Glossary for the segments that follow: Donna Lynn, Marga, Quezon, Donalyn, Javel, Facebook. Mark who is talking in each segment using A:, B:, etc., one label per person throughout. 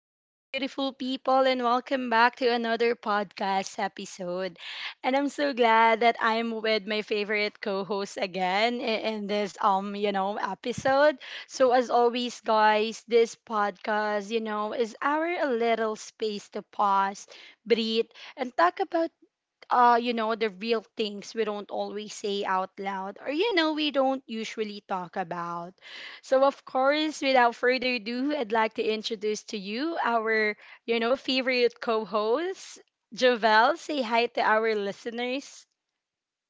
A: Hello, beautiful people, and welcome back to another podcast episode. And I'm so glad that I'm with my favorite co-host again in this episode. So as always, guys, this podcast, is our little space to pause, breathe, and talk about the real things we don't always say out loud or, we don't usually talk about. So, of course, without further ado, I'd like to introduce to you our favorite co host, Jovel. Say hi to our listeners.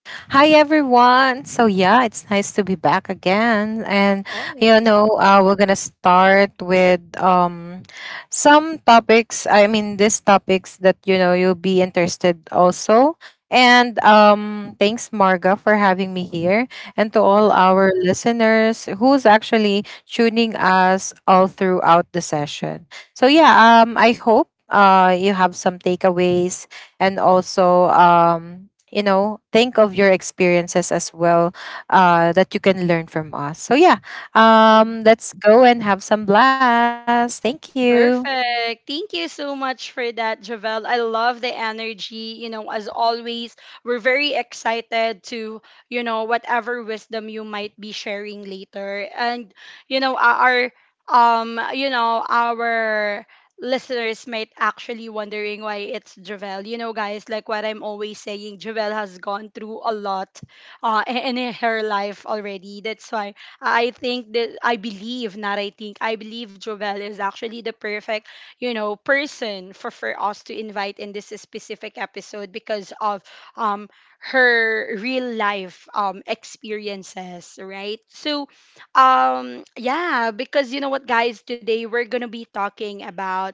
B: Hi everyone. So yeah, it's nice to be back again, and
A: Of course.
B: we're gonna start with some topics. I mean, these topics that you'll be interested also. And thanks Marga for having me here,
A: Of
B: and to all
A: course.
B: our listeners who's actually tuning us all throughout the session. So yeah, I hope you have some takeaways and also think of your experiences as well that you can learn from us, so yeah, let's go and have some blast. Thank you.
A: Perfect. Thank you so much for that, Javel. I love the energy. You know, as always, we're very excited to, whatever wisdom you might be sharing later. And, you know, our, our listeners might actually wondering why it's Javel. You know, guys, like what I'm always saying, Javel has gone through a lot in her life already. That's why I think that I believe, not I think, I believe Jovel is actually the perfect, person for us to invite in this specific episode because of um her real life experiences, right? So, yeah, because you know what guys, today we're going to be talking about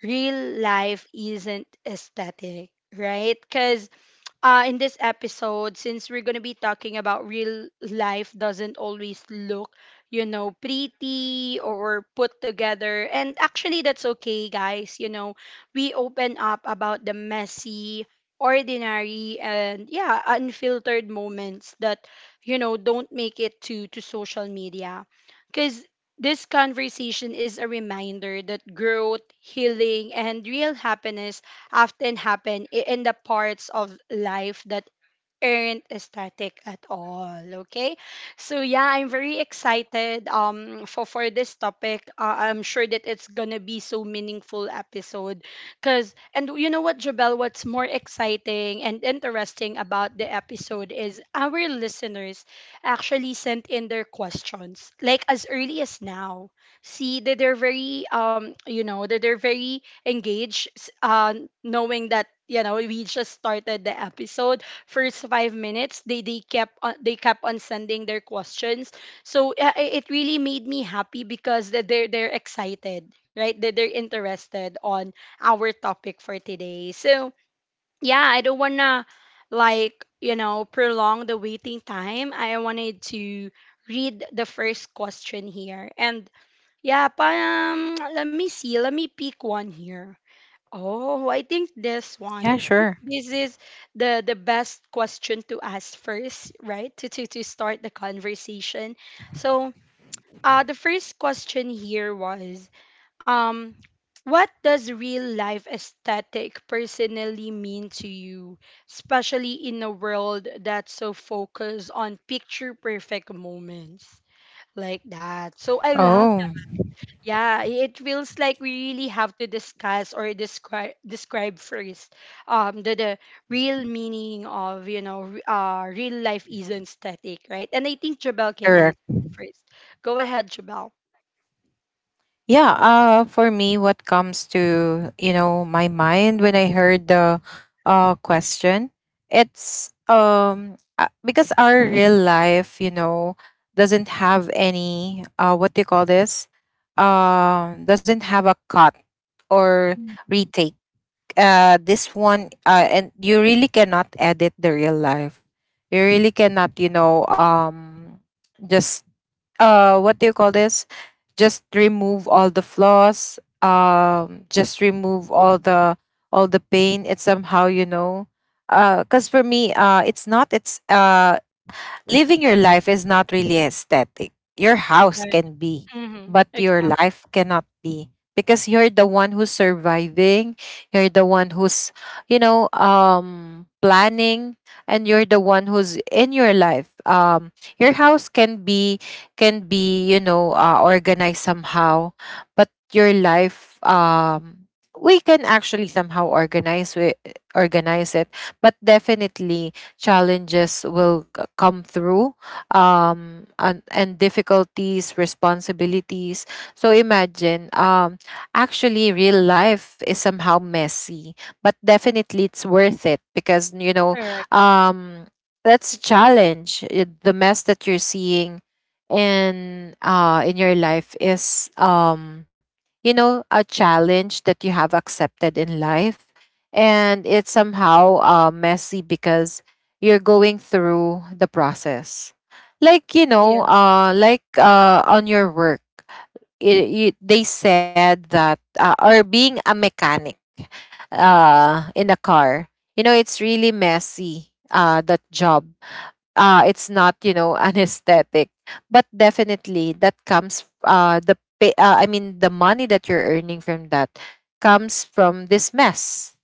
A: real life isn't aesthetic, right? Because in this episode, since we're going to be talking about real life doesn't always look, pretty or put together. And actually, that's okay, guys. You know, we open up about the messy, ordinary, and yeah, unfiltered moments that, don't make it to social media. Because this conversation is a reminder that growth, healing, and real happiness often happen in the parts of life that aren't static at all. Okay, so yeah, I'm very excited for this topic. I'm sure that it's gonna be so meaningful episode, cause and you know what, Jabel, what's more exciting and interesting about the episode is our listeners actually sent in their questions like as early as now. See that they're very engaged, knowing that you know we just started the episode first 5 minutes they kept on sending their questions so it really made me happy because that they're excited right that they're interested on our topic for today so yeah I don't wanna prolong the waiting time I wanted to read the first question here and yeah let me see let me pick one here. Oh, I think this one.
B: Yeah,
A: I think
B: sure.
A: this is the best question to ask first, right? To start the conversation. So, the first question here was, um, what does real life aesthetic personally mean to you, especially in a world that's so focused on picture perfect moments like that? So I love
B: Oh,
A: yeah, it feels like we really have to discuss or describe first the real meaning of real life isn't static, right? And I think Jabel can
B: correct.
A: answer first. Go ahead, Jabel.
B: Yeah, for me, what comes to, my mind when I heard the question, it's because our real life, doesn't have any what do you call this? Doesn't have a cut or
A: Mhm.
B: retake. This one, and you really cannot edit the real life. You really cannot, just what do you call this, just remove all the flaws, just remove all the pain. It's somehow, because for me, it's not, it's living your life is not really aesthetic. Your house
A: Right.
B: can be,
A: Mm-hmm.
B: but your
A: Exactly.
B: life cannot be, because you're the one who's surviving, you're the one who's, planning, and you're the one who's in your life. Your house can be, organized somehow, but your life, we can actually somehow organize it, but definitely challenges will come through, and difficulties, responsibilities. So imagine, actually real life is somehow messy, but definitely it's worth it, because
A: Correct.
B: um that's a challenge. The mess that you're seeing in your life is, a challenge that you have accepted in life, and it's somehow messy because you're going through the process,
A: Yeah.
B: on your work. They said that, or being a mechanic in a car, you know it's really messy, that job. It's not, you know, anesthetic, but definitely that comes, the pay, the money that you're earning from that comes from this mess.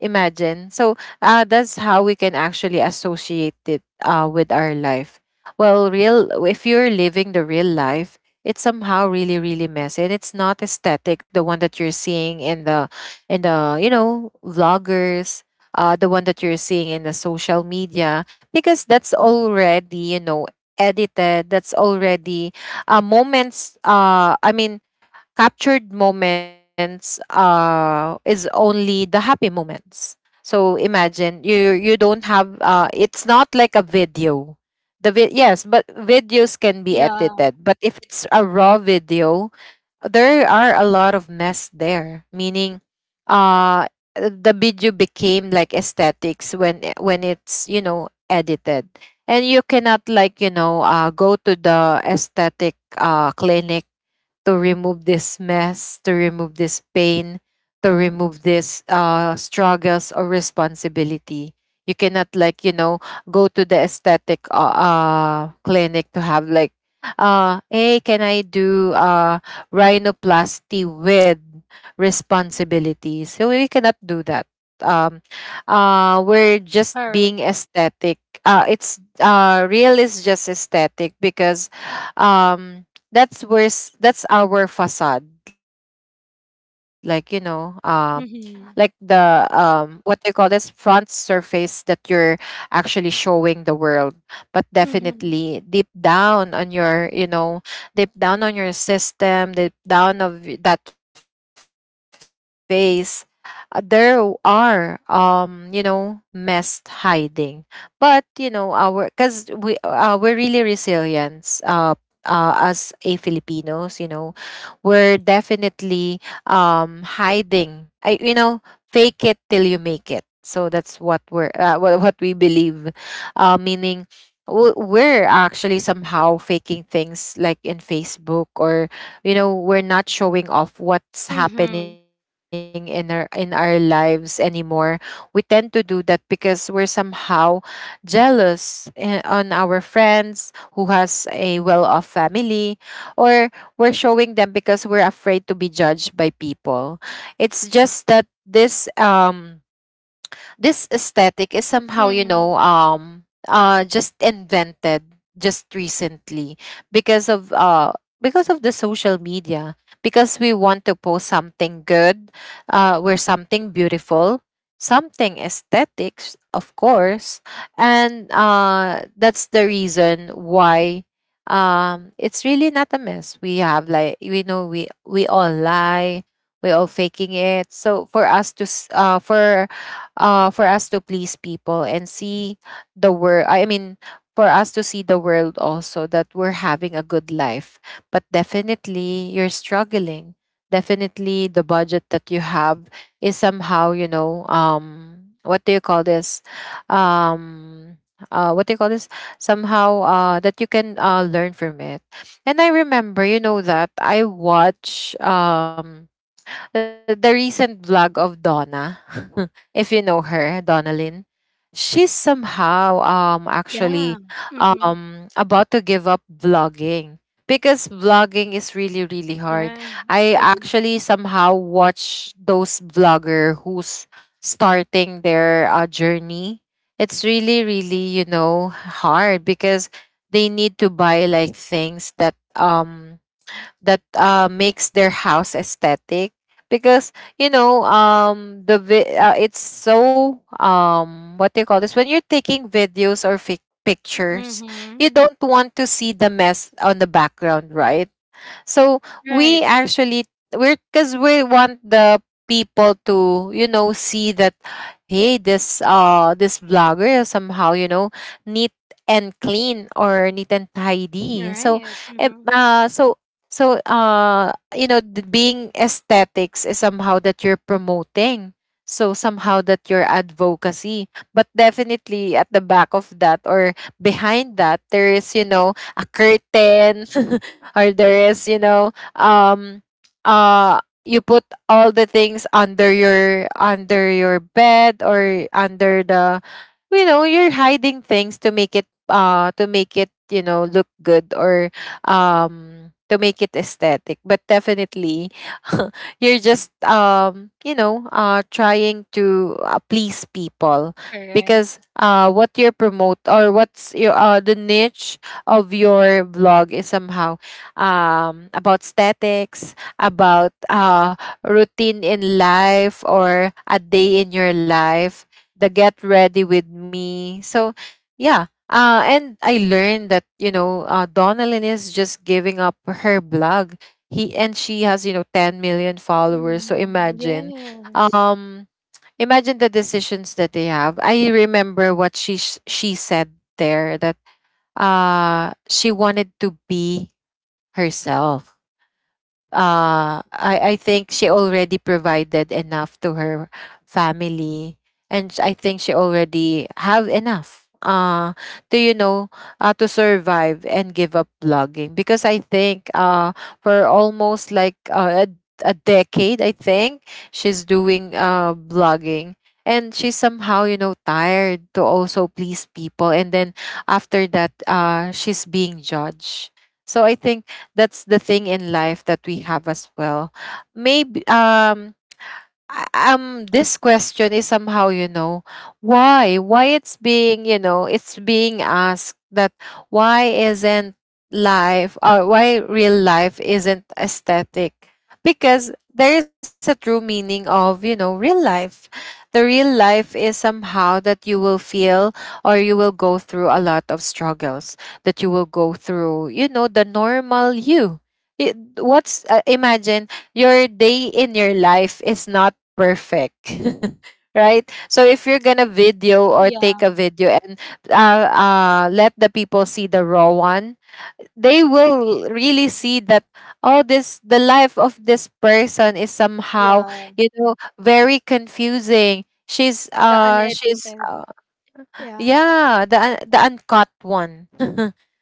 B: Imagine. So that's how we can actually associate it with our life. Well, real— if you're living the real life, it's somehow really really messy, and it's not aesthetic. The one that you're seeing in the you know, vloggers, the one that you're seeing in the social media, because that's already, you know, edited. That's already, moments. Captured moments is only the happy moments. So imagine, you don't have it's not like a video, the yes, but videos can be
A: Yeah.
B: edited, but if it's a raw video, there are a lot of mess there, meaning uh the video became like aesthetics when when it's, you know, edited. And you cannot, like, go to the aesthetic clinic to remove this mess, to remove this pain, to remove this struggles or responsibility. You cannot, like, you know, go to the aesthetic, clinic to have like, hey, can I do rhinoplasty with responsibilities? So we cannot do that. Um we're just
A: Correct.
B: being aesthetic. It's, real is just aesthetic because, um that's worse, that's our facade, like, you know, like the,
A: Mm-hmm.
B: what do you call this, front surface that you're actually showing the world. But
A: Mm-hmm.
B: definitely, deep down on your, you know, deep down on your system, deep down of that face, there are, you know, mess hiding. But you know, our— because we, we're really resilient, as a Filipinos, you know, we're definitely, hiding I you know, fake it till you make it. So that's what we're, what we believe, meaning, we're actually somehow faking things, like in Facebook, or you know, we're not showing off what's
A: Mm-hmm.
B: happening in our lives anymore. We tend to do that because we're somehow jealous, eh, on our friends who has a well-off family, or we're showing them because we're afraid to be judged by people. It's just that this, this aesthetic is somehow,
A: Mm-hmm.
B: just invented just recently because of, because of the social media, because we want to post something good, we're something beautiful, something aesthetics, of course. And that's the reason why, it's really not a mess. We have, like, we know we all lie, we all faking it, so for us to for, for us to please people and see the world. I mean, for us to see the world also that we're having a good life. But definitely, you're struggling. Definitely, the budget that you have is somehow, you know, what do you call this? Um, what do you call this? Somehow, that you can, learn from it. And I remember, you know, that I watch. Um, the recent vlog of Donna, if you know her, Donna Lynn, she's somehow, actually,
A: Yeah. Mm-hmm.
B: about to give up vlogging because vlogging is really really hard.
A: Right.
B: I
A: Exactly.
B: actually somehow watch those vlogger who's starting their journey. It's really really, you know, hard because they need to buy like things that, that, makes their house aesthetic, because you know, it's so, what do you call this, when you're taking videos or pictures,
A: Mm-hmm.
B: you don't want to see the mess on the background, right? So
A: Right.
B: we actually, we're, because we want the people to, you know, see that, hey, this, this vlogger is somehow, you know, neat and clean, or neat and tidy. So,
A: Right.
B: em-
A: Mm-hmm.
B: uh so so, you know, the being aesthetics is somehow that you're promoting. So somehow that your advocacy, but definitely at the back of that, or behind that, there is, you know, a curtain, or there is, uh you put all the things under your bed, or under the, you know, you're hiding things to make it, to make it, you know, look good, or um to make it aesthetic. But definitely you're just, you know, trying to, please people,
A: Correct.
B: because what you promote, or what's your, the niche of your vlog is somehow, about aesthetics, about, routine in life, or a day in your life, the get ready with me. So, yeah. And I learned that, you know, Donalyn is just giving up her blog. He— and she has, you know, 10 million followers. So
A: Mm,
B: imagine,
A: yes.
B: um, imagine the decisions that they have. I remember what she she said there that she wanted to be herself. I think she already provided enough to her family, and I think she already have enough, to, you know, to survive and give up blogging, because I think, for almost like, a decade, I think, she's doing, blogging, and she's somehow, you know, tired to also please people, and then after that, she's being judged. So I think that's the thing in life that we have as well. Maybe, this question is somehow, you know, why it's being, you know, it's being asked that, why isn't life, or why real life isn't aesthetic, because there is a true meaning of, you know, real life. The real life is somehow that you will feel, or you will go through a lot of struggles, that you will go through, you know, the normal you. It, what's, imagine your day in your life is not perfect, right? So if you're gonna video, or
A: Yeah,
B: take a video, and let the people see the raw one, they will really see that, oh, this, the life of this person is somehow,
A: yeah.
B: you know, very confusing. She's,
A: The
B: she's,
A: unedited. Yeah.
B: yeah, the the uncut one.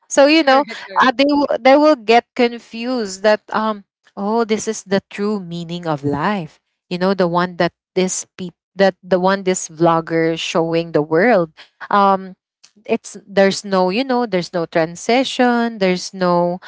B: So you know,
A: Correct, correct.
B: they will, they will get confused that, oh, this is the true meaning of life, you know, the one that this peop that the one this vlogger is showing the world, um it's, there's no, you know, there's no transition, there's no,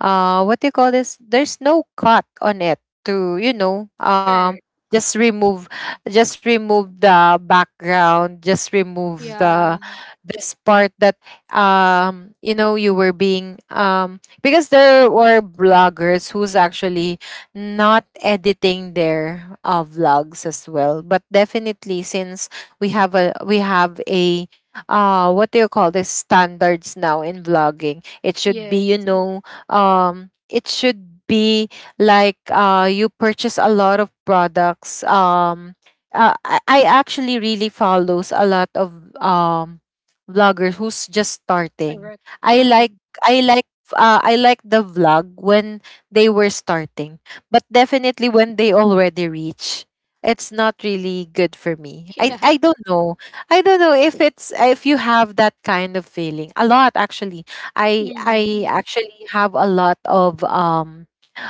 B: what do you call this, there's no cut on it to, you know,
A: Correct.
B: just remove, just remove the background, just remove
A: Yeah,
B: the, this part that, you know, you were being, because there were bloggers who's actually not editing their, vlogs as well, but definitely since we have a, what do you call this, standards now in vlogging, it should be,
A: yes.
B: you know, it should be like, you purchase a lot of products, I actually really follows a lot of um vloggers who's just starting.
A: Correct.
B: I like
A: Mm-hmm.
B: I like I like the vlog when they were starting, but definitely when they already reach, it's not really good for me. I
A: Yeah.
B: I don't know. I don't know if it's if you have that kind of feeling. A lot actually. I
A: Mm-hmm.
B: I actually have a lot of um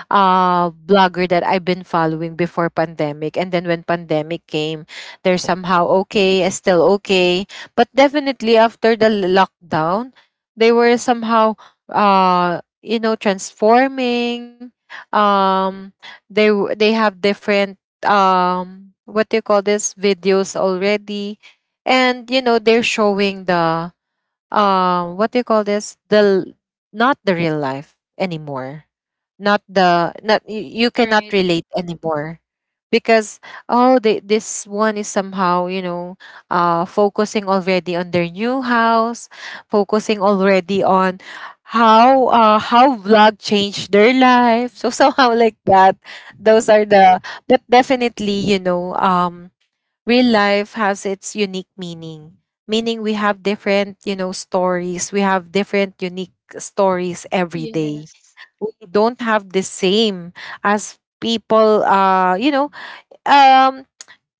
B: uh blogger that I've been following before pandemic, and then when pandemic came they're somehow okay, still okay, but definitely after the lockdown they were somehow you know transforming. um they have different what do you call this videos already, and you know they're showing the what do you call this the not the real life anymore. Not the not you, you cannot
A: Right.
B: relate anymore because oh they, this one is somehow you know focusing already on their new house, focusing already on how vlog changed their life, so somehow like that. Those are the but definitely you know, real life has its unique meaning. Meaning we have different you know stories, we have different unique stories every day.
A: Yes.
B: We don't have the same as people you know, um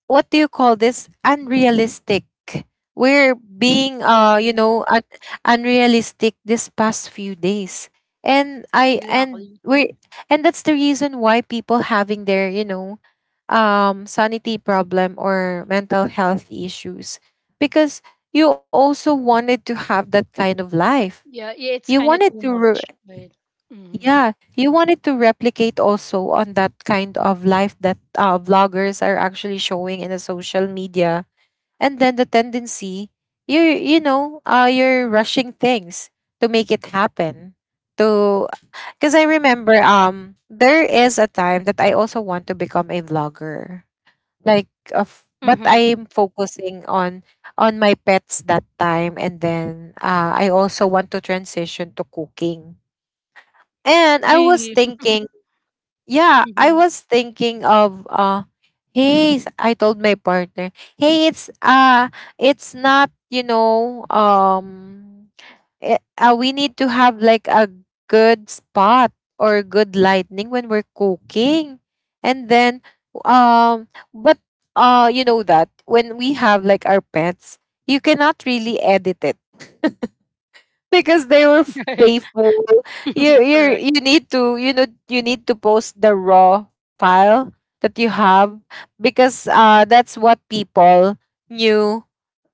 B: what do you call this unrealistic. We're being
A: Yeah,
B: you
A: yeah.
B: know unrealistic this past few days, and
A: Exactly.
B: we're and that's the reason why people having their you know sanity problem or mental health issues, because you also wanted to have that kind of life.
A: Yeah, yeah, it's
B: You
A: kind of
B: wanted
A: too
B: to
A: much, but mm-hmm.
B: yeah, you wanted to replicate also on that kind of life that vloggers are actually showing in the social media. And then the tendency, you know you're rushing things to make it happen, to because I remember there is a time that I also want to become a vlogger, like of but
A: Mm-hmm.
B: I'm focusing on my pets that time, and then I also want to transition to cooking. And I was
A: Really.
B: thinking, yeah, I
A: Mm-hmm.
B: was thinking of hey, I told my partner, "Hey, it's not, you know, we need to have like a good spot or good lighting when we're cooking." And then um but you know that when we have like our pets, you cannot really edit it because they were
A: Right.
B: faithful. You you
A: Correct.
B: you need to you know you need to post the raw file that you have, because that's what people knew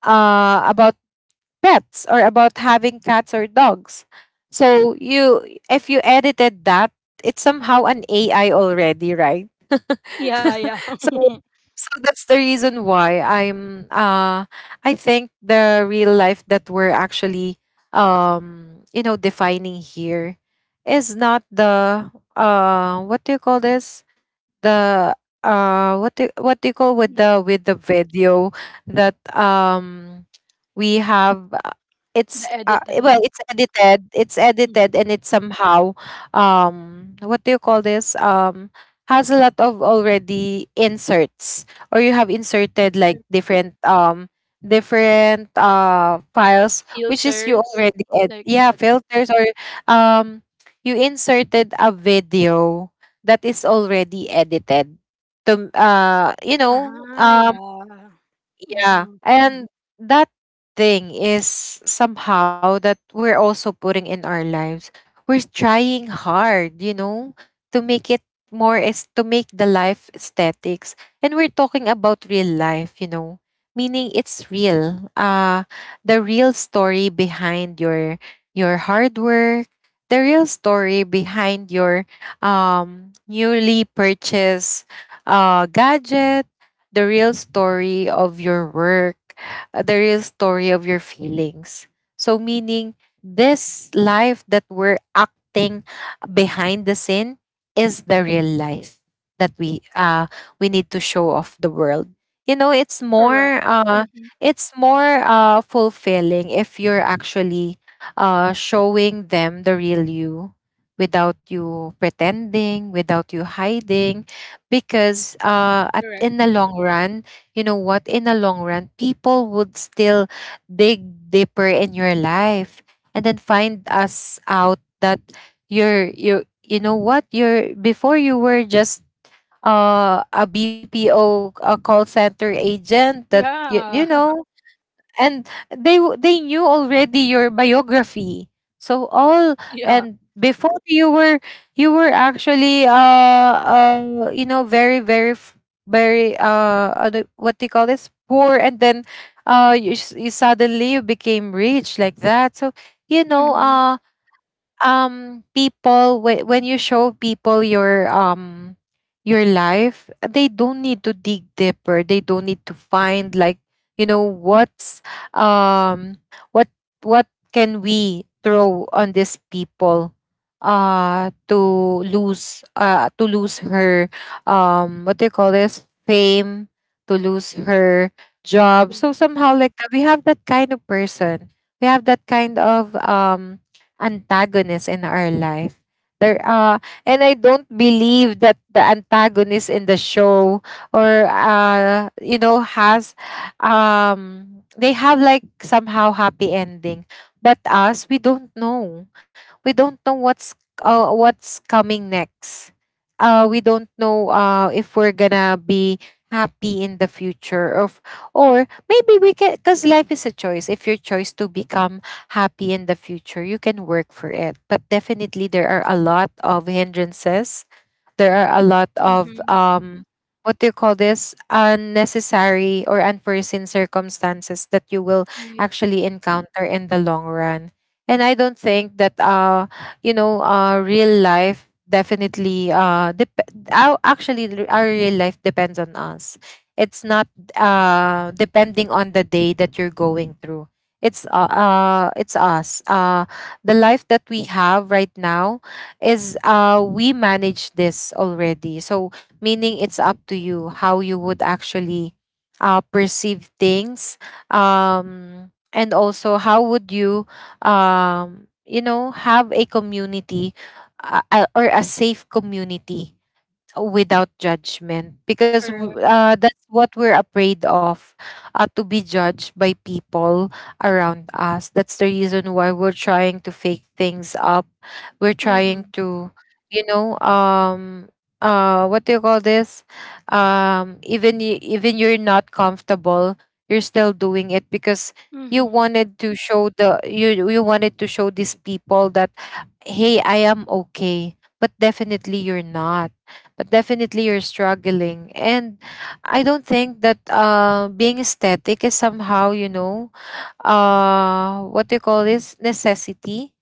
B: about pets or about having cats or dogs. So you, if you edited that, it's somehow an AI already, right?
A: Yeah, yeah.
B: So so that's the reason why I'm I think the real life that we're actually you know defining here is not the what do you call this, the what do you call
A: the
B: with the video that we have
A: the
B: it's well,
A: edited
B: it's edited, it's
A: mm.
B: edited, and it's somehow what do you call this has a lot of already inserts, or you have inserted like different different files which is you
A: filters
B: already
A: like
B: yeah,
A: that.
B: filters or um you inserted a video that is already edited to you know
A: Ah, yeah.
B: yeah.
A: Mm-hmm.
B: And that thing is somehow that we're also putting in our lives. We're trying hard, you know, to make it more is to make the life aesthetics. And we're talking about real life, you know. Meaning it's real. The real story behind your hard work, the real story behind your newly purchased gadget, the real story of your work, the real story of your feelings. So, meaning this life that we're acting behind the scene is the real life that we need to show off the world. You know,
A: Correct. Mm-hmm.
B: it's more fulfilling if you're actually showing them the real you, without you pretending, without you hiding, because at
A: Correct.
B: in the long run, you know what, in the long run people would still dig deeper in your life and then find us out that you're you you know what you're before you were just a bpo, a call center agent that you
A: Yeah.
B: know, and they knew already your biography. So all
A: yeah.
B: and before you were actually you know very very very what do you call this poor, and then you, you suddenly you became rich, like that. So you know
A: Mm-hmm.
B: people when you show people your life, they don't need to dig deeper, they don't need to find like you know what's um what what can we throw on these people to lose her what do you call this, fame, to lose her job. So
A: Yeah.
B: somehow like we have that kind of person, we have that kind of antagonist in our life. There and I don't believe that the antagonist in the show or you know has um they have like somehow happy ending. But us, we don't know. We don't know what's coming next. We don't know if we're gonna be happy in the future of, or maybe we can, because life is a choice. If your choice to become happy in the future, you can work for it. But definitely, there are a lot of hindrances, there are a lot of
A: Mm-hmm.
B: what do you call this unnecessary or unforeseen circumstances that you will
A: Right.
B: actually encounter in the long run. And I don't think that you know real life, definitely our real life depends on us. It's not depending on the day that you're going through. It's it's us the life that we have right now is we manage this already. So meaning it's up to you how you would actually perceive things, and also how would you you know have a community, or a safe community without judgment, because
A: Correct.
B: that's what we're afraid of, to be judged by people around us. That's the reason why we're trying to fake things up. We're trying
A: Mm-hmm.
B: to you know what do you call this, even even you're not comfortable, you're still doing it because you
A: Mm-hmm.
B: wanted to show the, you wanted to show these people that hey, I am okay. But definitely you're not, but definitely you're struggling. And I don't think that being aesthetic is somehow, you know, what do you call this, necessity.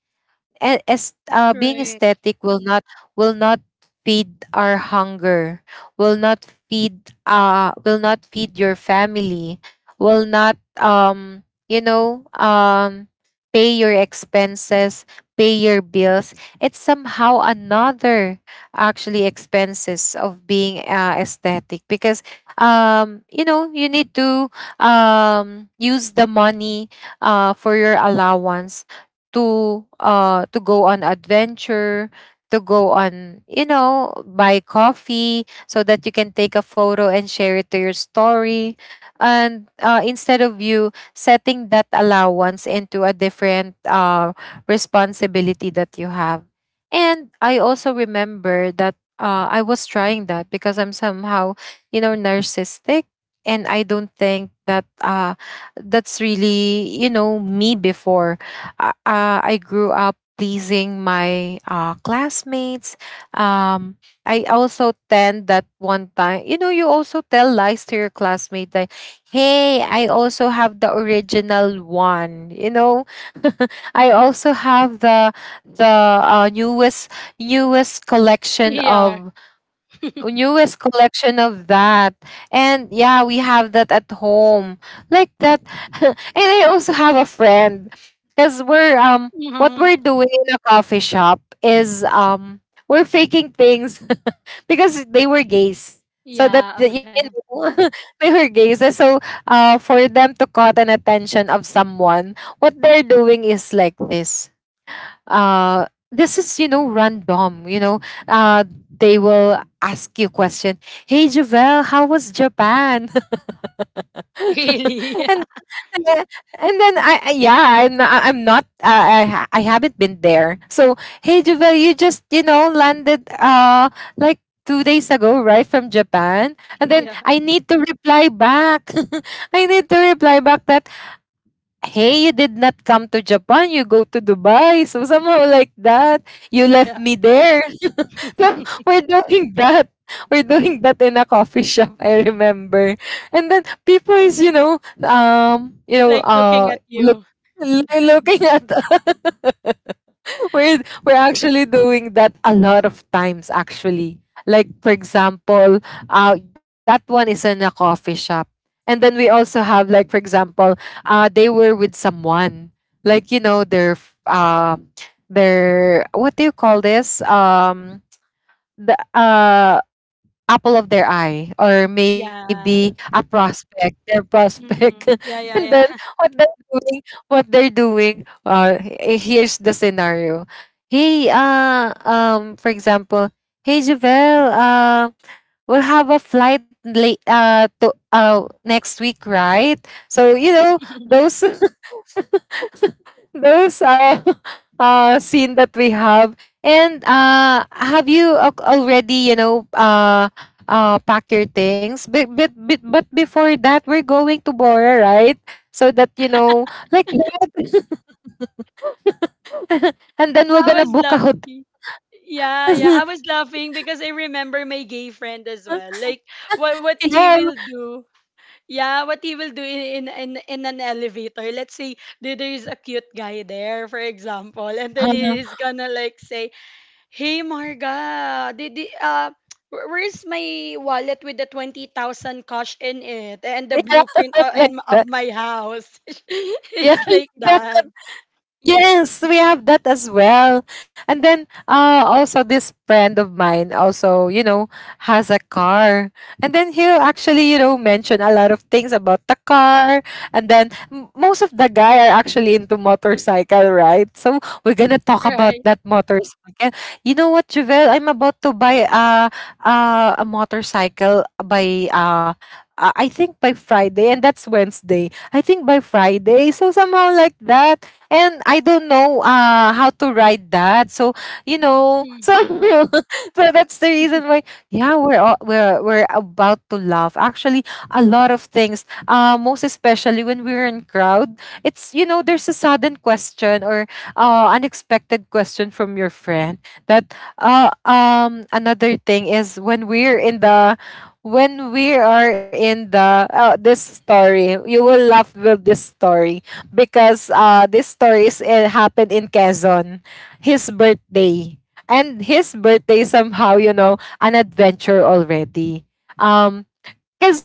B: As being
A: Right.
B: aesthetic will not feed our hunger, will not feed your family, will not you know pay your expenses, pay your bills. It's somehow another actually expenses of being aesthetic, because you know you need to use the money for your allowance to go on adventure, to go on you know buy coffee, so that you can take a photo and share it to your story. And instead of you setting that allowance into a different responsibility that you have. And I also remember that I was trying that because I'm somehow you know narcissistic. And I don't think that that's really you know me before. I grew up pleasing my classmates. Um, I also tend that one time, you know, you also tell lies to your classmate that, hey, I also have the original one. You know, I also have the newest newest collection
A: Yeah.
B: of, newest collection of that, and yeah, we have that at home, like that. And I also have a friend, because we're what
A: mm-hmm.
B: we're doing in a coffee shop is we're faking things, because they were gays. So that
A: Yeah.
B: you
A: Okay.
B: know they were gays. And so for them to caught an attention of someone, what they're doing is like this, uh this is you know random, you know, uh they will ask you question, hey Javel, how was Japan?
A: Really?
B: And and then, and then I yeah I'm not I I haven't been there, so hey Javel, you just you know landed like 2 days ago, right, from Japan. And then
A: Yeah.
B: I need to reply back. I need to reply back that hey, you did not come to Japan, you go to Dubai, so somehow like that, you
A: Yeah.
B: left
A: yeah,
B: me there. So we're doing that. We're doing that in a coffee shop, I remember. And then people is, you know,
A: Like looking at
B: look
A: you.
B: looking at we're we're actually doing that a lot of times actually. Like, for example, that one is in a coffee shop. And then we also have, like, for example, they were with someone. Like, you know, their, what do you call this? The apple of their eye, or maybe a
A: Yeah.
B: prospect, their prospect,
A: Mm-hmm.
B: and
A: Yeah.
B: then
A: Yeah. Yeah.
B: what they're doing he- here's the scenario. Hey For example, hey Javel, we'll have a flight late to next week, right? So you know, those those are scene that we have. And have you already, you know, pack your things, but, before that, we're going to Bora, right? So that, you know, like that. And then we're
A: I
B: gonna
A: was
B: book a hotel.
A: laughing. Yeah, yeah. I was laughing because I remember my gay friend as well. Like what he
B: Yeah,
A: will do. Yeah, what he will do in an elevator. Let's say there is a cute guy there, for example, and then he's gonna like say, "Hey, Marga, did the where's my wallet with the 20,000 cash in it and the
B: yeah,
A: blueprint
B: like that,
A: of my house?"
B: yeah.
A: It's like that,
B: Yes, we have that as well. And then also, this friend of mine also, you know, has a car. And then he'll actually, you know, mention a lot of things about the car. And then most of the guy are actually into motorcycle, right? So we're gonna talk about
A: right?
B: that motorcycle. You know what, Javel? I'm about to buy a motorcycle by I think by Friday, and that's Wednesday. I think by Friday. So somehow like that, and I don't know how to ride that. So you know, so
A: Hmm.
B: so that's the reason why. Yeah, we're all, we're about to laugh. Actually, a lot of things. Most especially when we're in crowd, it's, you know, there's a sudden question or unexpected question from your friend that another thing is when we're in the, when we are in the, this story, you will laugh with this story because this story is, it happened in Quezon, his birthday. And his birthday, somehow, you know, an adventure already. Um,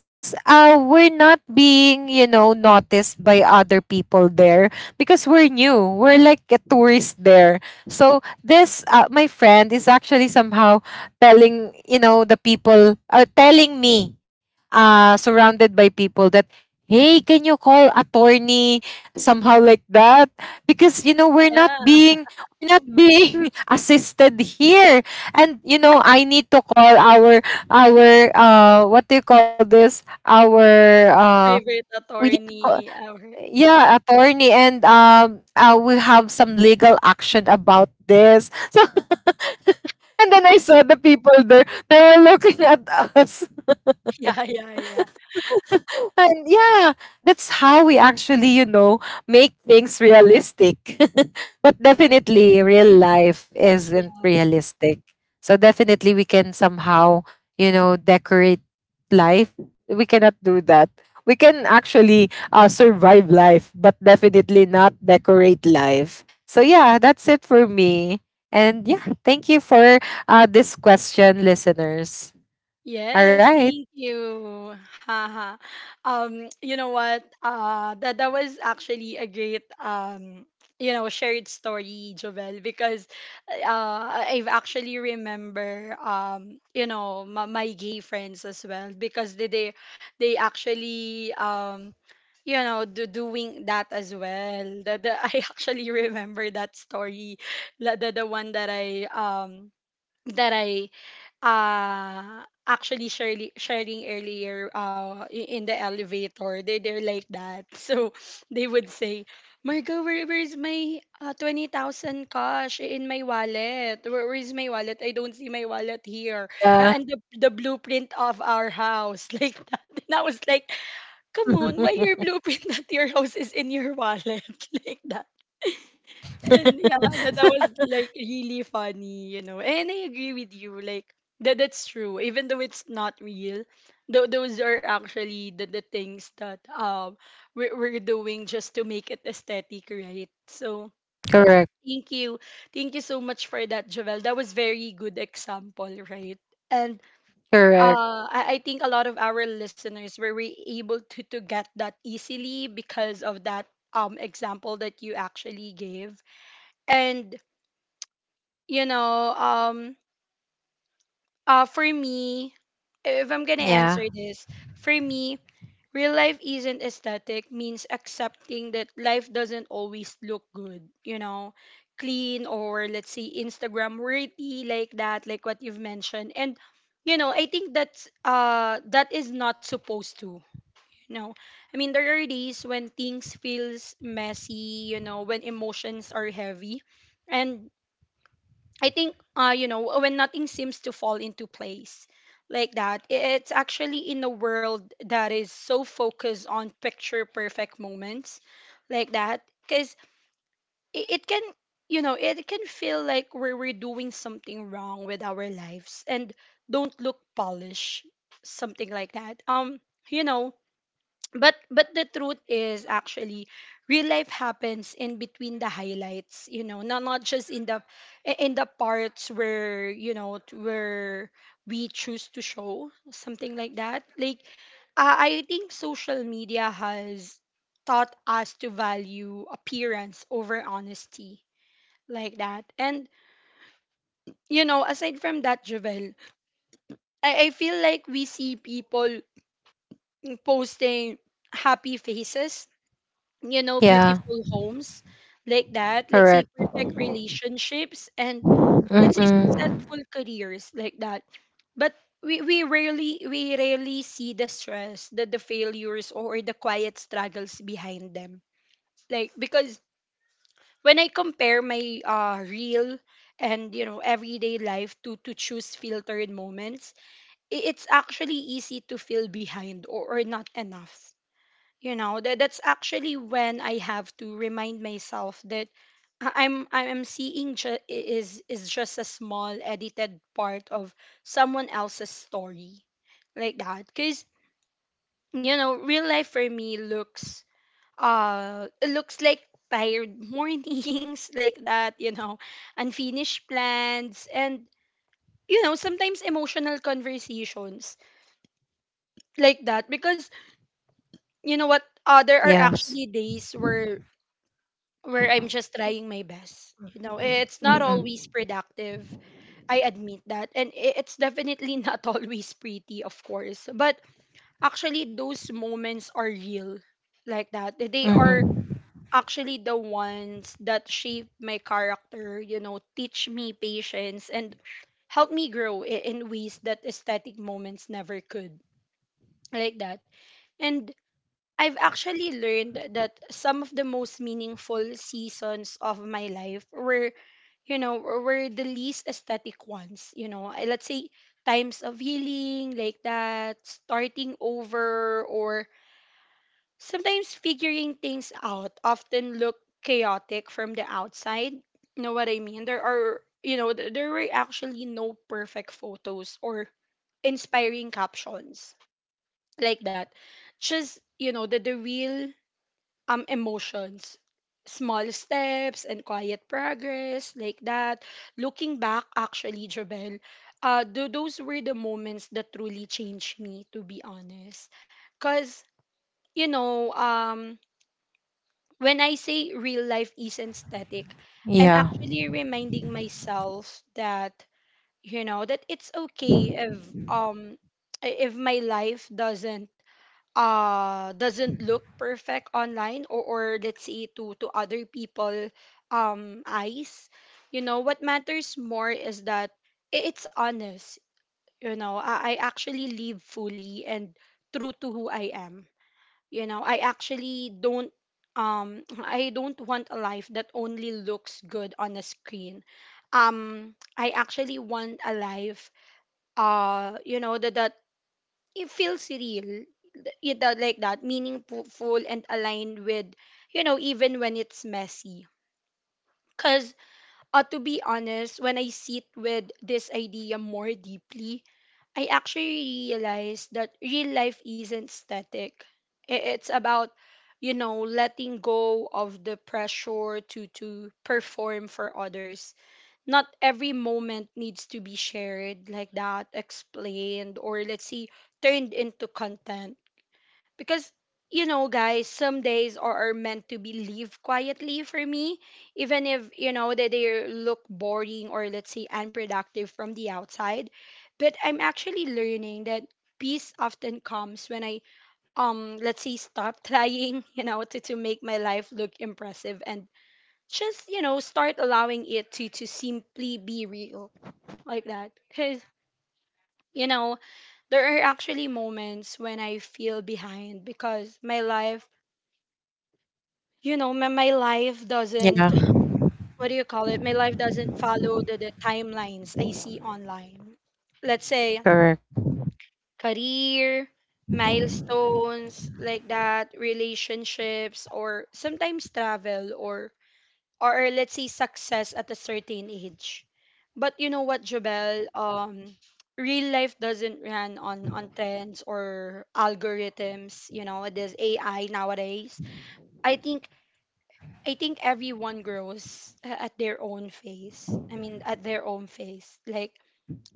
B: because we're not being, you know, noticed by other people there because we're new, we're like a tourist there. So this, my friend is actually somehow telling, you know, the people, telling me, surrounded by people that, hey, can you call attorney, somehow like that, because you know, we're not
A: Yeah,
B: being we're not being assisted here, and you know, I need to call our, what do you call this? Our,
A: private
B: we need to call,
A: attorney. Or,
B: yeah, attorney, and we have some legal action about this. So, and then I saw the people there, they were looking at us.
A: yeah, yeah, yeah,
B: And yeah, that's how we actually, you know, make things realistic. But definitely, real life isn't
A: yeah.
B: realistic. So definitely, we can somehow, you know, decorate life. We cannot do that. We can actually survive life, but definitely not decorate life. So yeah, that's it for me. And yeah, thank you for this question, listeners. All
A: Yes,
B: right.
A: thank you. Haha. You know what? That was actually a great shared story, Jovel, because I've actually remember my, my gay friends as well because they actually doing that as well. The I actually remember that story, the one that I actually sharing earlier in the elevator they they're like that so they would say Margo where, where's my 20,000 cash in my wallet where, where's my wallet I don't see my wallet here. A-
B: Uh,
A: and the blueprint of our house like that and I was like come on why your blueprint at your house is in your wallet like that and yeah, that that was like really funny, you know. And I agree with you, like that that's true. Even though it's not real, though those are actually the things that we're doing just to make it aesthetic, right? So
B: correct,
A: thank you, thank you so much for that, Javel. That was very good example, right? And
B: correct,
A: I think a lot of our listeners were we able to get that easily because of that example that you actually gave and you know, for me, if I'm gonna
B: yeah,
A: answer this, for me, real life isn't aesthetic means accepting that life doesn't always look good, you know, clean or let's say Instagram worthy like that, like what you've mentioned. And you know, I think that's that is not supposed to. You know, I mean there are days when things feels messy, you know, when emotions are heavy. And I think when nothing seems to fall into place like that it's actually in a world that is so focused on picture perfect moments like that cuz it can you know it can feel like we're doing something wrong with our lives and don't look polished something like that you know but the truth is actually real life happens in between the highlights you know not just in the parts where you know where we choose to show something like that like I think social media has taught us to value appearance over honesty like that and you know aside from that Javel I feel like we see people posting happy faces you know,
B: yeah,
A: beautiful homes like that. Let's say
B: correct,
A: perfect relationships and let's say
B: mm-hmm,
A: successful careers like that. But we rarely see the stress, the failures or the quiet struggles behind them. Like because when I compare my real and you know everyday life to choose filtered moments, it's actually easy to feel behind or not enough you know that that's actually when I have to remind myself that I'm seeing is just a small edited part of someone else's story like that because you know real life for me looks it looks like tired mornings like that you know unfinished plans and you know sometimes emotional conversations like that because you know what there are
B: yes,
A: actually days where I'm just trying my best. You know, it's not
B: mm-hmm,
A: always productive. I admit that. And it's definitely not always pretty, of course. But actually, those moments are real like that. They are
B: mm-hmm,
A: actually the ones that shape my character, you know, teach me patience and help me grow in ways that aesthetic moments never could. Like that. And I've actually learned that some of the most meaningful seasons of my life were, you know, we're the least aesthetic ones. You know, let's say times of healing, like that, starting over, or sometimes figuring things out often look chaotic from the outside. You know what I mean? There are, you know, there were actually no perfect photos or inspiring captions, like that. Just, you know, the real emotions, small steps, and quiet progress, like that. Looking back, actually, Jobel, those were the moments that truly changed me, to be honest. Cuz, you know, when I say real life isn't static, I'm
B: yeah,
A: actually reminding myself that, you know, that it's okay if, um if my life doesn't, doesn't look perfect online, or, let's say to other people, eyes. You know, what matters more is that it's honest. You know, I actually live fully and true to who I am. You know, I actually don't, I don't want a life that only looks good on a screen. I actually want a life, you know, that it feels real, you know, like that, meaningful and aligned with, you know, even when it's messy. Because, to be honest, when I sit with this idea more deeply, I actually realize that real life isn't static. It's about, you know, letting go of the pressure to perform for others. Not every moment needs to be shared, like that, explained, or let's say turned into content. Because, you know, guys, some days are meant to be lived quietly for me, even if, you know, that they look boring or, let's say, unproductive from the outside. But I'm actually learning that peace often comes when I let's say stop trying, you know, to, make my life look impressive and just, you know, start allowing it to, simply be real, like that. Because, you know, there are actually moments when I feel behind because my life, you know, my life
B: yeah,
A: doesn't, what do you call it, my life doesn't follow the, timelines I see online, let's say
B: correct,
A: career milestones, like that, relationships, or sometimes travel, or or let's say success at a certain age. But you know what, Jobel, real life doesn't run on trends or algorithms. You know, this AI nowadays. i think I think everyone grows, at their own pace. I mean, at their own pace. Like,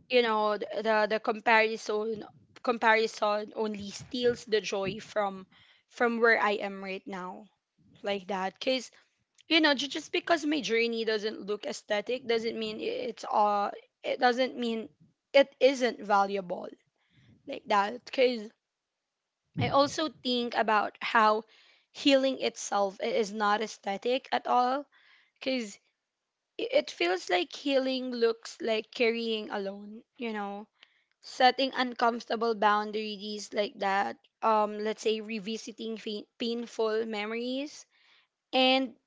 A: you know, the comparison, comparison only steals the joy from where I am right now, like that. Cause, you know, just because my journey doesn't look aesthetic doesn't mean it's all. It doesn't mean it isn't valuable, like that. Cause I also think about how healing itself is not aesthetic at all. Cause it feels like healing looks like carrying alone, you know, setting uncomfortable boundaries, like that. Let's say revisiting painful memories, and,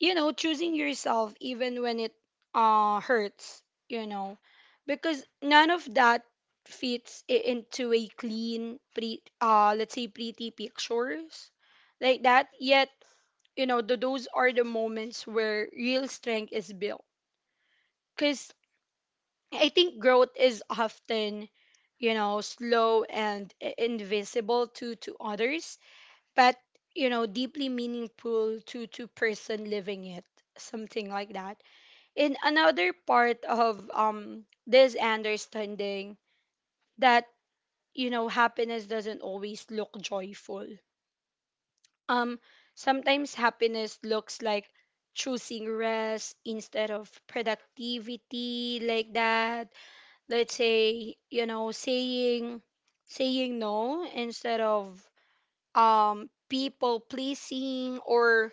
A: you know, choosing yourself even when it hurts, you know, because none of that fits into a clean, pre let's say pretty pictures, like that. Yet, you know, those are the moments where real strength is built. Cause I think growth is often, you know, slow and invisible to others, but, you know, deeply meaningful to person living it, something like that. In another part of this understanding that, you know, happiness doesn't always look joyful. Um, sometimes happiness looks like choosing rest instead of productivity, like that, let's say, you know, saying saying no instead of people pleasing, or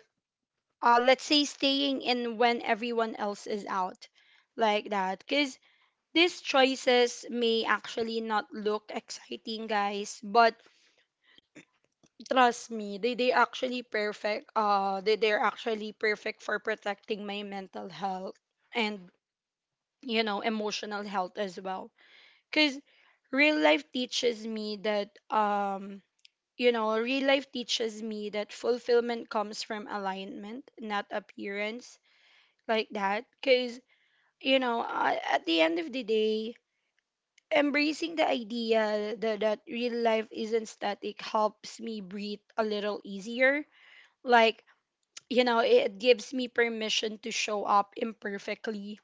A: let's say staying in when everyone else is out, like that. Because these choices may actually not look exciting, guys, but trust me, they actually perfect, they're actually perfect for protecting my mental health and, you know, emotional health as well. Cause real life teaches me that, you know, real life teaches me that fulfillment comes from alignment, not appearance, like that. Cause, you know, at the end of the day, embracing the idea that real life isn't static helps me breathe a little easier. Like, you know, it gives me permission to show up imperfectly,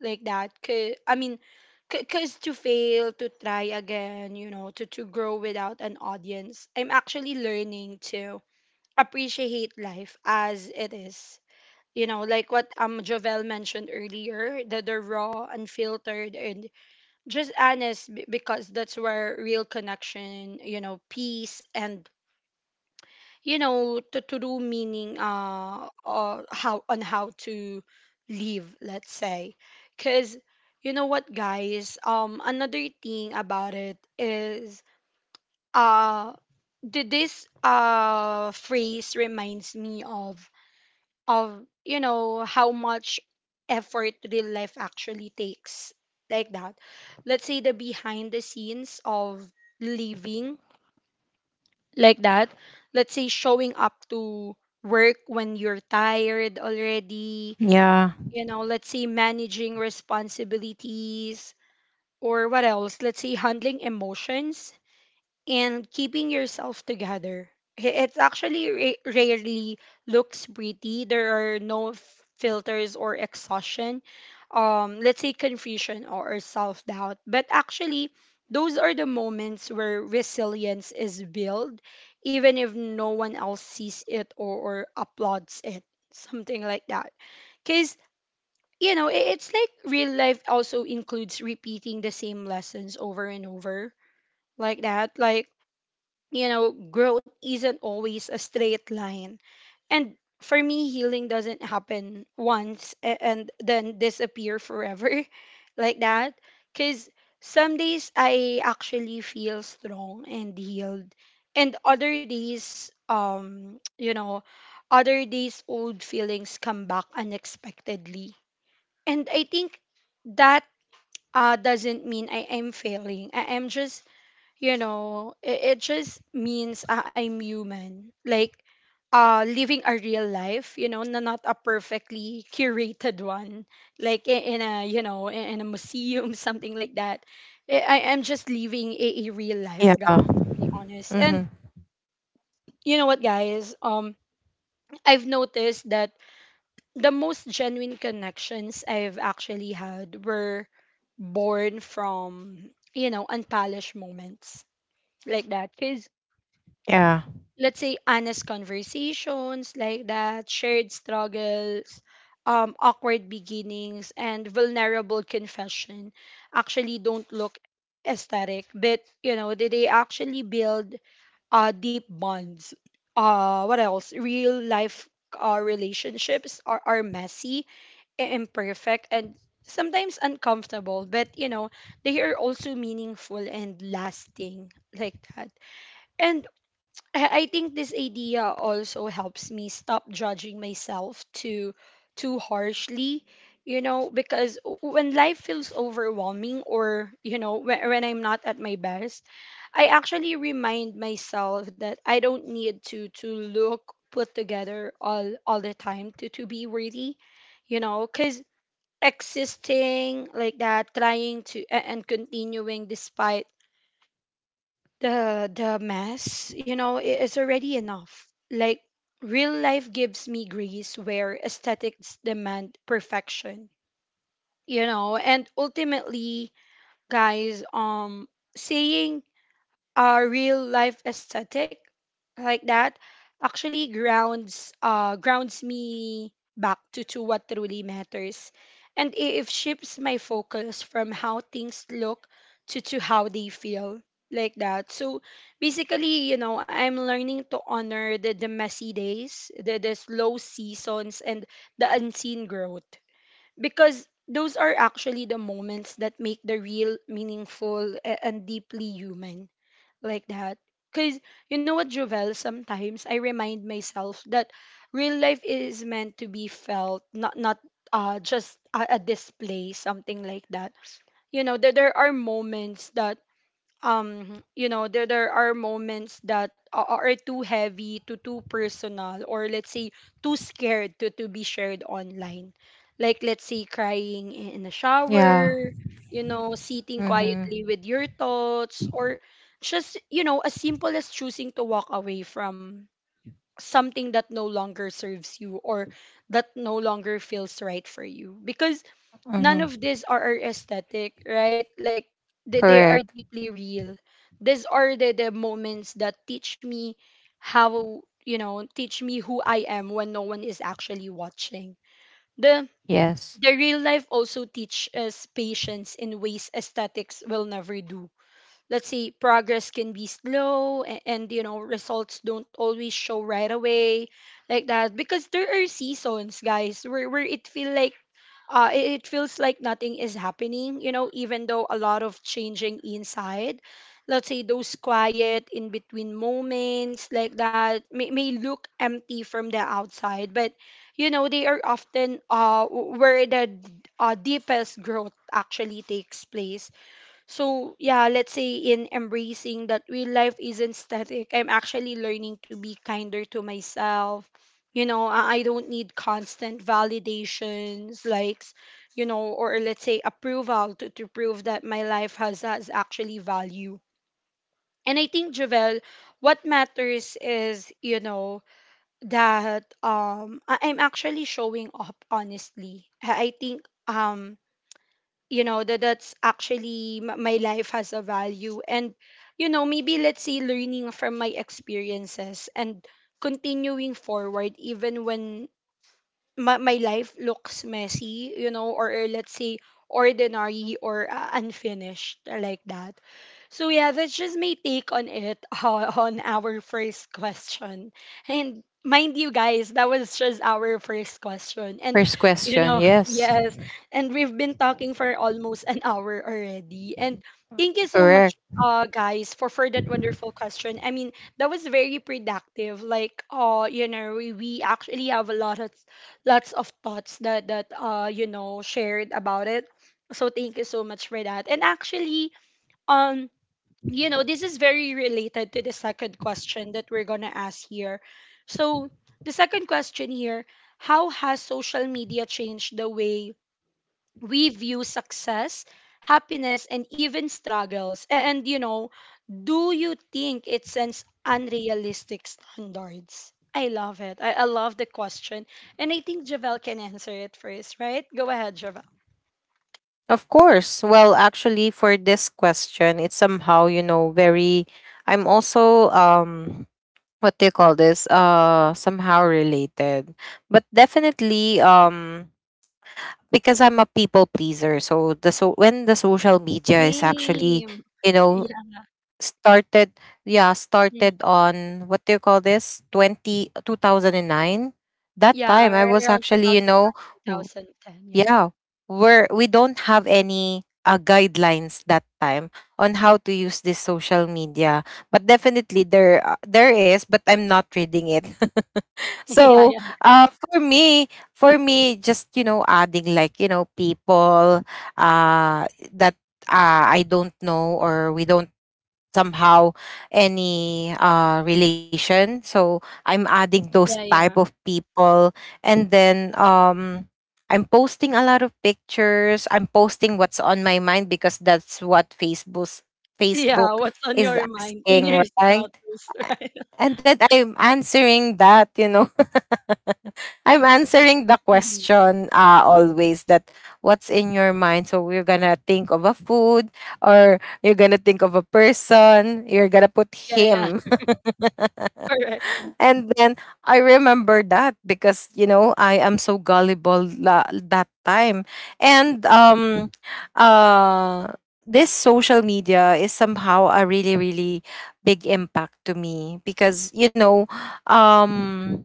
A: like that. I mean, because to fail, to try again, you know, to, grow without an audience, I'm actually learning to appreciate life as it is, you know, like what Jovel mentioned earlier, that the raw, unfiltered, and just honest, because that's where real connection, you know, peace, and, you know, to, do meaning, or how, on how to live, let's say. Because, you know what, guys, another thing about it is, uh this phrase reminds me of, you know, how much effort real life actually takes, like that. Let's say the behind the scenes of living, like that. Let's say showing up to work when you're tired already,
B: yeah,
A: you know, let's say managing responsibilities, or what else? Let's say handling emotions and keeping yourself together. It's actually rarely looks pretty. There are no filters or exhaustion, let's say confusion, or, self-doubt, but actually those are the moments where resilience is built, even if no one else sees it, or, applauds it, something like that. Because, you know, it, it's like real life also includes repeating the same lessons over and over, like that, like, you know, growth isn't always a straight line. And for me, healing doesn't happen once and then disappear forever, like that. Because some days I actually feel strong and healed, and other days, you know, other days old feelings come back unexpectedly. And I think that, doesn't mean I am failing. I am just, you know, it just means, I'm human. Like, living a real life, you know, not a perfectly curated one, like in a, you know, in a museum, something like that. I am just living a real life,
B: yeah,
A: guys, to be honest. And,
B: mm-hmm,
A: you know what, guys, I've noticed that the most genuine connections I've actually had were born from, you know, unpolished moments, like that. Because
B: yeah,
A: let's say honest conversations, like that, shared struggles, awkward beginnings, and vulnerable confession actually don't look aesthetic, but, you know, they actually build deep bonds. What else? Real life, relationships are messy, imperfect, and sometimes uncomfortable, but, you know, they are also meaningful and lasting, like that. And I think this idea also helps me stop judging myself too harshly, you know, because when life feels overwhelming, or, you know, when, I'm not at my best, I actually remind myself that I don't need to look put together all the time to be worthy, you know, cuz existing, like that, trying to and continuing despite the mess, you know, is already enough. Like, real life gives me grace where aesthetics demand perfection, you know. And ultimately, guys, saying, real life aesthetic, like that, actually grounds, grounds me back to, what truly matters. And it shifts my focus from how things look to, how they feel, like that. So basically, you know, I'm learning to honor the, messy days, the, slow seasons, and the unseen growth, because those are actually the moments that make the real meaningful and deeply human, like that. Because, you know what, Jovel, sometimes I remind myself that real life is meant to be felt, not just a display, something like that. You know, that there are moments that, um you know, there are moments that are too heavy, to too personal, or let's say too scared to be shared online. Like, let's say crying in a
B: yeah,
A: shower, you know, sitting
B: mm-hmm,
A: quietly with your thoughts, or just, you know, as simple as choosing to walk away from something that no longer serves you, or that no longer feels right for you, because none
B: mm-hmm,
A: of these are aesthetic, right? Like, they are
B: correct,
A: deeply real. These are the, moments that teach me how, you know, teach me who I am when no one is actually watching. The
B: yes,
A: real life also teach us patience in ways aesthetics will never do. Let's say progress can be slow, and, you know, results don't always show right away, like that, because there are seasons, guys, where, it feel like, it, it feels like nothing is happening, you know, even though a lot of changing inside. Let's say those quiet in between moments, like that, may, look empty from the outside, but, you know, they are often, where the, deepest growth actually takes place. So yeah, let's say in embracing that real life isn't static, I'm actually learning to be kinder to myself. You know, I don't need constant validations, likes, you know, or let's say approval to, prove that my life has actually value. And I think, Javel, what matters is, you know, that, I, I'm actually showing up honestly. I think, you know, that that's actually my life has a value. And, you know, maybe let's say learning from my experiences and continuing forward even when my, life looks messy, you know, or, let's say ordinary, or unfinished, like that. So yeah, that's just my take on it, on our first question. And mind you, guys, that was just our first question. And,
B: first
A: you
B: question,
A: know,
B: yes,
A: yes, and we've been talking for almost an hour already. And thank you so much,
B: correct.
A: guys, for that wonderful question. I mean, that was very productive. Like you know, we actually have a lot of lots of thoughts that you know shared about it. So thank you so much for that. And actually um you know, this is very related to the second question that we're going to ask here. So, the second question here, how has social media changed the way we view success, happiness, and even struggles? And, you know, do you think it sends unrealistic standards? I love it. I love the question. And I think Javel can answer it first, right? Go ahead, Javel.
B: Of course. Well, actually, for this question, it's somehow, you know, very, I'm also, what do you call this, somehow related. But definitely, because I'm a people pleaser, so the, so when the social media is actually,
A: Same.
B: you know,
A: Yeah.
B: started, yeah, started on, what do you call this, Twenty 2009. That
A: Yeah,
B: time, I was
A: around
B: actually, you know,
A: 2009,
B: w-
A: 2010. Yeah.
B: yeah, we don't have any guidelines that time on how to use this social media. But definitely there, there is, but I'm not reading it.
A: yeah,
B: So,
A: yeah,
B: uh, for me, for me, just, you know, adding, like, you know, people, uh, that I don't know, or we don't somehow any relation. So I'm adding those
A: yeah,
B: type
A: yeah.
B: of people, and then I'm posting a lot of pictures. I'm posting what's on my mind because that's what Facebook's
A: Yeah,
B: Facebook
A: what's on
B: is
A: your mind in your
B: asking, right?
A: status, right?
B: And then I'm answering that, you know. I'm answering the
A: Hmm.
B: question, always, that what's in your mind. So we're gonna think of a food, or you're gonna think of a person, you're gonna put
A: Yeah, yeah,
B: him,
A: correct.
B: and then I remember that because, you know, I am so gullible that time, and uh, this social media is somehow a really, really big impact to me because, you know, um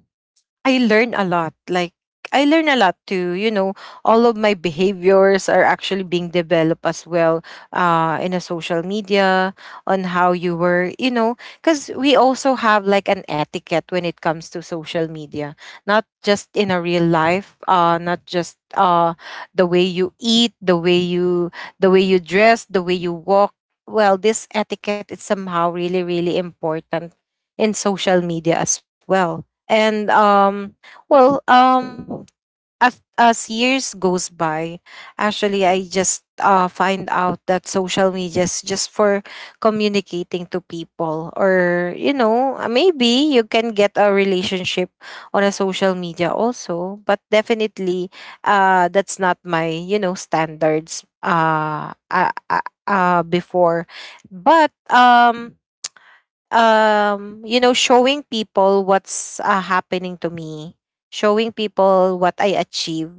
B: I learn a lot. Like, I learn a lot too. You know, all of my behaviors are actually being developed as well in a social media, on how you were. You know, because we also have like an etiquette when it comes to social media, not just in a real life. Not just the way you eat, the way you, the way you dress, the way you walk. Well, this etiquette is somehow really, really important in social media as well. Well, um, as years goes by, actually, I just find out that social media is just for communicating to people, or, you know, maybe you can get a relationship on a social media also. But definitely, that's not my, you know, standards. Before, but you know, showing people what's happening to me, showing people what I achieve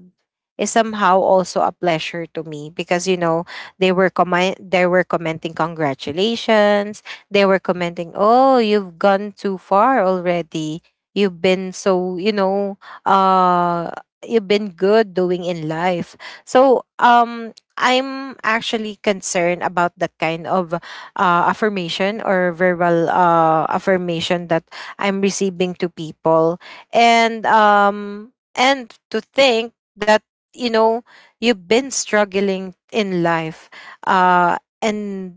B: is somehow also a pleasure to me, because you know, they were commenting congratulations, they were commenting, oh, you've gone too far already, you've been so, you know, uh you've been good doing in life. So I'm actually concerned about that kind of affirmation, or verbal affirmation that I'm receiving to people. And to think that, you know, you've been struggling in life, and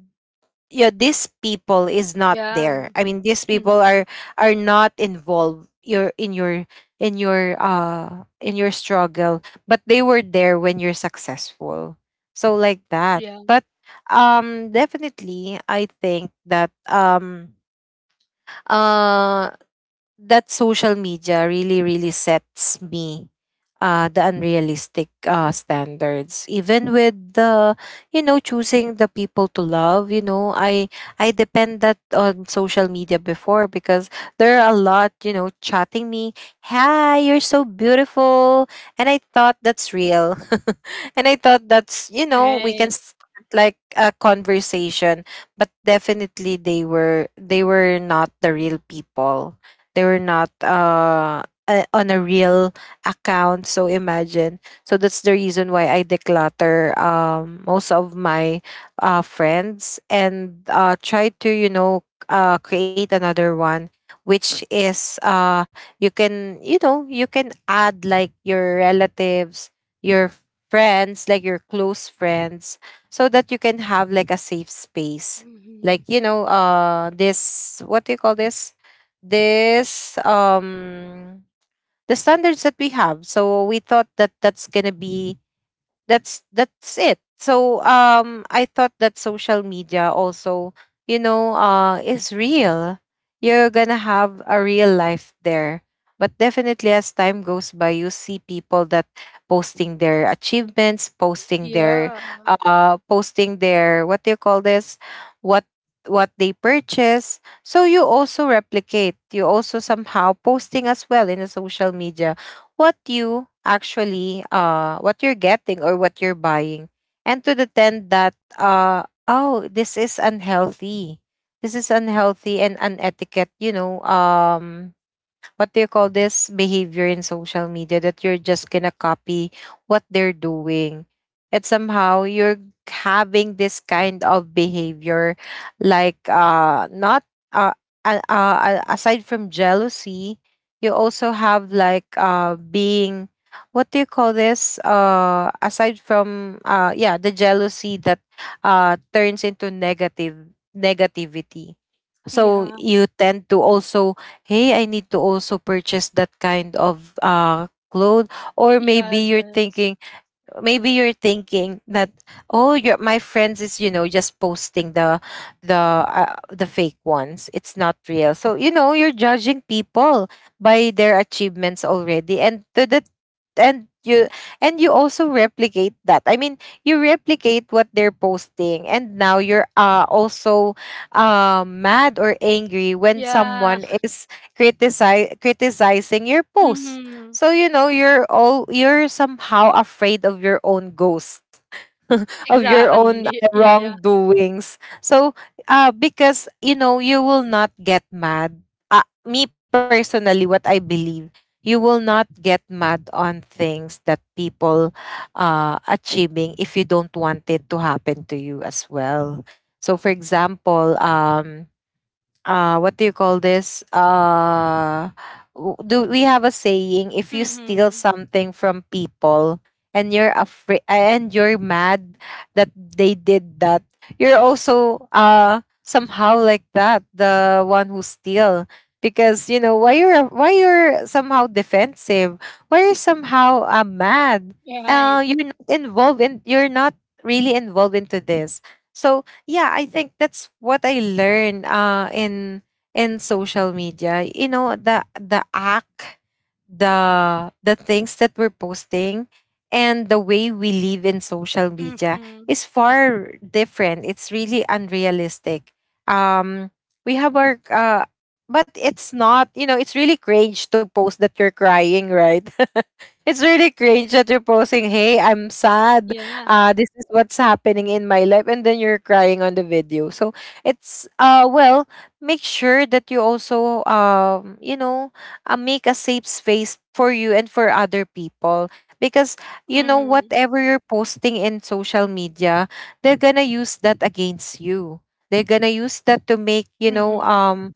B: yeah, these people is not
A: Yeah.
B: there, I mean, these people
A: Hmm.
B: are not involved your in your, in your in your struggle, but they were there when you're successful. So like that.
A: Yeah,
B: But definitely, I think that uh that social media really, really sets me the unrealistic standards, even with the, you know, choosing the people to love. You know, I depend that on social media before because there are a lot, you know, chatting me, hi, you're so beautiful, and I thought that's real. And I thought that's, you know, we can
A: right.
B: start like a conversation. But definitely, they were not the real people, they were not on a real account. So imagine. So that's the reason why I declutter most of my friends, and try to, you know, create another one, which is, you can, you know, you can add like your relatives, your friends, like your close friends, so that you can have like a safe space, like,
A: Hmm.
B: you know, this, what do you call this, this, the standards that we have. So we thought that that's going to be, that's it. So I thought that social media also, you know, is real, you're gonna have a real life there. But definitely, as time goes by, you see people that posting their achievements, posting their
A: Yeah,
B: posting their, what do you call this, what what they purchase. So you also replicate, you also somehow posting as well in the social media what you actually what you're getting or what you're buying. And to the tent that, uh, oh, this is unhealthy, this is unhealthy and unetiquette, you know, what do you call this, behavior in social media that you're just gonna copy what they're doing, and somehow you're having this kind of behavior, like, not uh, aside from jealousy, you also have like, being, what do you call this, aside from yeah, the jealousy that turns into negative negativity. So
A: yeah,
B: you tend to also, hey, I need to also purchase that kind of clothes. Or
A: yeah,
B: maybe you're thinking that, oh, your, my friends is, you know, just posting the the fake ones, it's not real. So, you know, you're judging people by their achievements already, and to the, and you, and you also replicate that, I mean, you replicate what they're posting, and now you're also mad or angry when
A: yeah.
B: someone is criticize criticizing your post.
A: Hmm.
B: So, you know, you're all, you're somehow afraid of your own ghost, of your own
A: Exactly. Yeah, yeah.
B: wrongdoings. So because, you know, you will not get mad. Me personally, what I believe, you will not get mad on things that people achieving if you don't want it to happen to you as well. So, for example, what do you call this? Do we have a saying, if you steal
A: Hmm.
B: something from people and you're afraid and you're mad that they did that, you're also somehow like that, the one who steal? Because you know why you're, why you're somehow defensive, why you're somehow mad,
A: Right.
B: you're not involved in, you're not really involved into this. So yeah, I think that's what I learned in social media. You know, the act, the things that we're posting and the way we live in social media
A: Hmm.
B: is far different. It's really unrealistic. Um we have our but it's not, it's really cringe to post that you're crying, right? It's really cringe that you're posting, hey, I'm sad,
A: Yeah.
B: this is what's happening in my life, and then you're crying on the video. So it's well, make sure that you also make a safe space for you and for other people, because you know
A: hmm
B: whatever you're posting in social media, they're gonna use that against you, they're gonna use that to make
A: hmm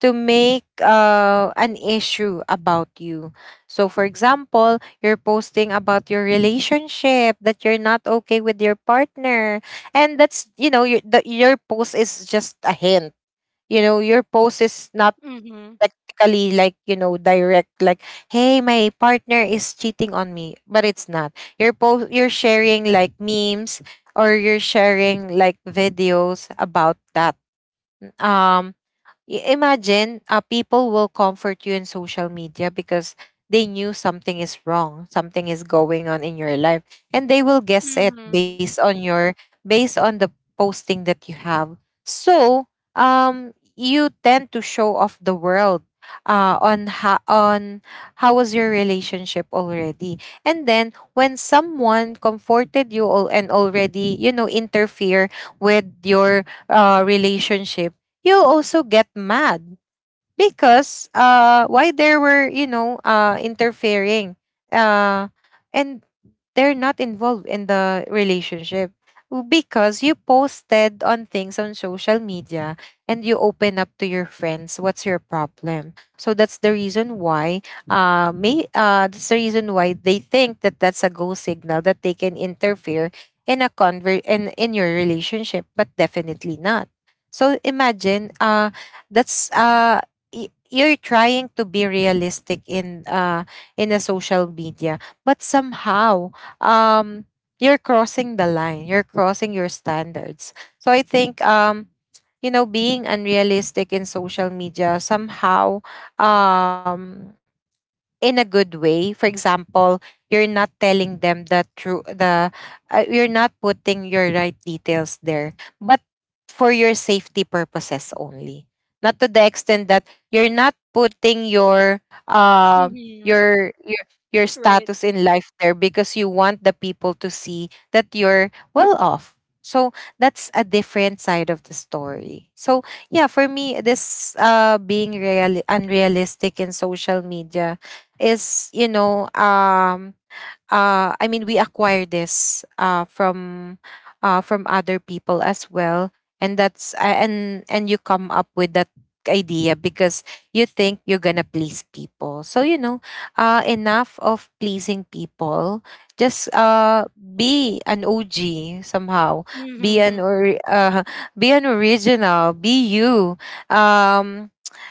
B: to make an issue about you. So, for example, you're posting about your relationship, that you're not okay with your partner, and that's your post is just a hint. Your post is not
A: hmm
B: technically like direct, like, hey, my partner is cheating on me, but it's not. You're post, you're sharing like memes or you're sharing like videos about that. Um, Imagine, people will comfort you in social media because they knew something is wrong, something is going on in your life, and they will guess it based
A: hmm
B: on your, based on the posting that you have. So you tend to show off the world, on how, on how was your relationship already, and then when someone comforted you all and already, interfere with your relationship, you'll also get mad because why there were, interfering, uh and they're not involved in the relationship, because you posted on things on social media and you open up to your friends what's your problem. So that's the reason why, may that's the reason why they think that that's a go signal, that they can interfere in a conver in your relationship, but definitely not. So imagine, that's you're trying to be realistic in a social media, but somehow, um you're crossing the line, you're crossing your standards. So I think, being unrealistic in social media somehow, um in a good way. For example, you're not telling them the true, the, you're not putting your right details there, but for your safety purposes only. Not to the extent that you're not putting your uh
A: Hmm.
B: your your your
A: Right.
B: status in life there, because you want the people to see that you're well off. So that's a different side of the story. So yeah, for me, this being real unrealistic in social media is, I mean, we acquire this from other people as well. And that's and you come up with that idea because you think you're gonna please people. So, you know, enough of pleasing people, just be an OG somehow, be an
A: Mm-hmm.
B: or be an original, be you. um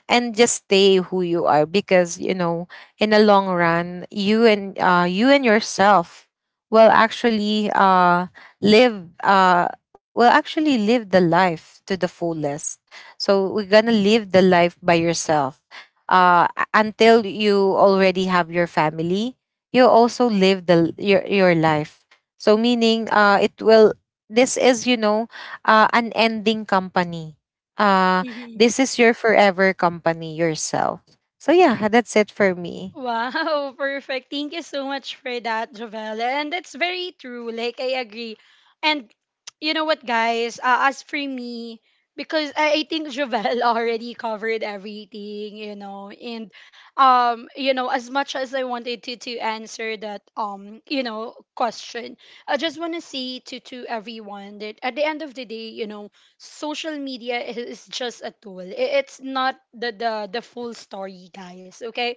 B: and just stay who you are, because you know, in the long run, you and, you and yourself will actually live will actually live the life to the fullest. So we're gonna live the life by yourself, until you already have your family. You also live your life. So meaning, it will, this is, an ending company. Uh,
A: Mm-hmm.
B: this is your forever company, yourself. So yeah, that's it for me.
A: Wow, perfect. Thank you so much for that, Jovel. And that's very true. Like, I agree. And you know what, guys? As for me, because I think Jovelle already covered everything, you know, and, you know, as much as I wanted to answer that, you know, question, I just want to say to everyone that at the end of the day, you know, social media is just a tool. It's not the full story, guys, okay?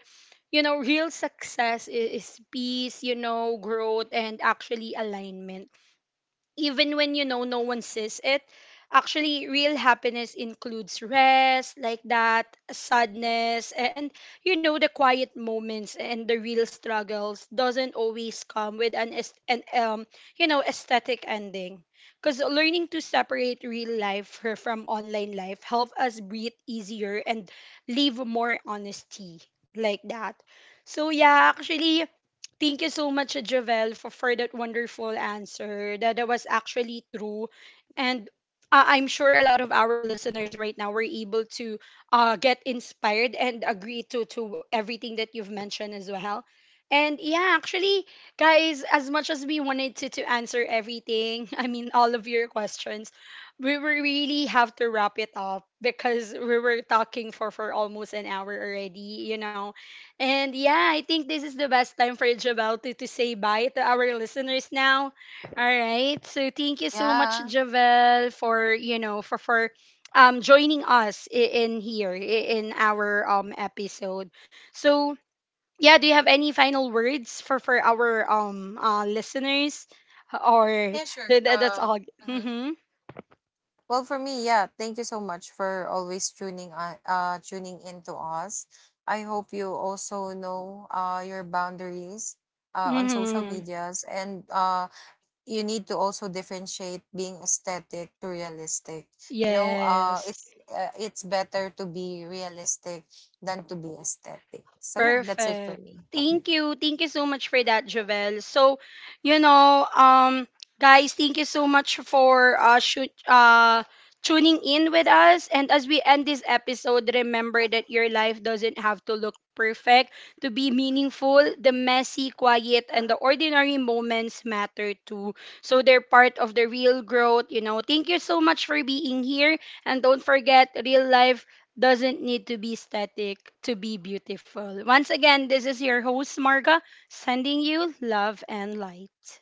A: You know, real success is peace, you know, growth, and actually alignment even when you know no one sees it. Actually real happiness includes rest, like that, sadness and you know the quiet moments, and the real struggles doesn't always come with an, you know aesthetic ending, because learning to separate real life from online life help us breathe easier and live more honesty, like that. So yeah, actually thank you so much, Javel, for that wonderful answer. That was actually true. And I'm sure a lot of our listeners right now were able to get inspired and agree to everything that you've mentioned as well. And yeah, actually, guys, as much as we wanted to answer everything, I mean, all of your questions, we will really have to wrap it up because we were talking for almost an hour already, you know. And yeah, I think this is the best time for Javel to say bye to our listeners now. All right. So thank you so much,
B: Yeah.
A: Javel, for you know for joining us in here in our episode. So yeah, do you have any final words for our listeners, or
B: Yeah, sure.
A: that's all?
B: Mhm.
A: Mm-hmm.
B: Well, for me, yeah, thank you so much for always tuning on, tuning into us. I hope you also know your boundaries on social
A: Mm-hmm.
B: medias, and you need to also differentiate being aesthetic to realistic. You know,
A: Yes.
B: it's better to be realistic than to be aesthetic. So yeah, that's it
A: Perfect.
B: for me.
A: Thank you. Thank you so much for that, Jovel. So, you know, guys, thank you so much for tuning in with us. And as we end this episode, remember that your life doesn't have to look perfect to be meaningful. The messy, quiet, and the ordinary moments matter too. So they're part of the real growth. You know, thank you so much for being here. And don't forget, real life doesn't need to be static to be beautiful. Once again, this is your host, Marga, sending you love and light.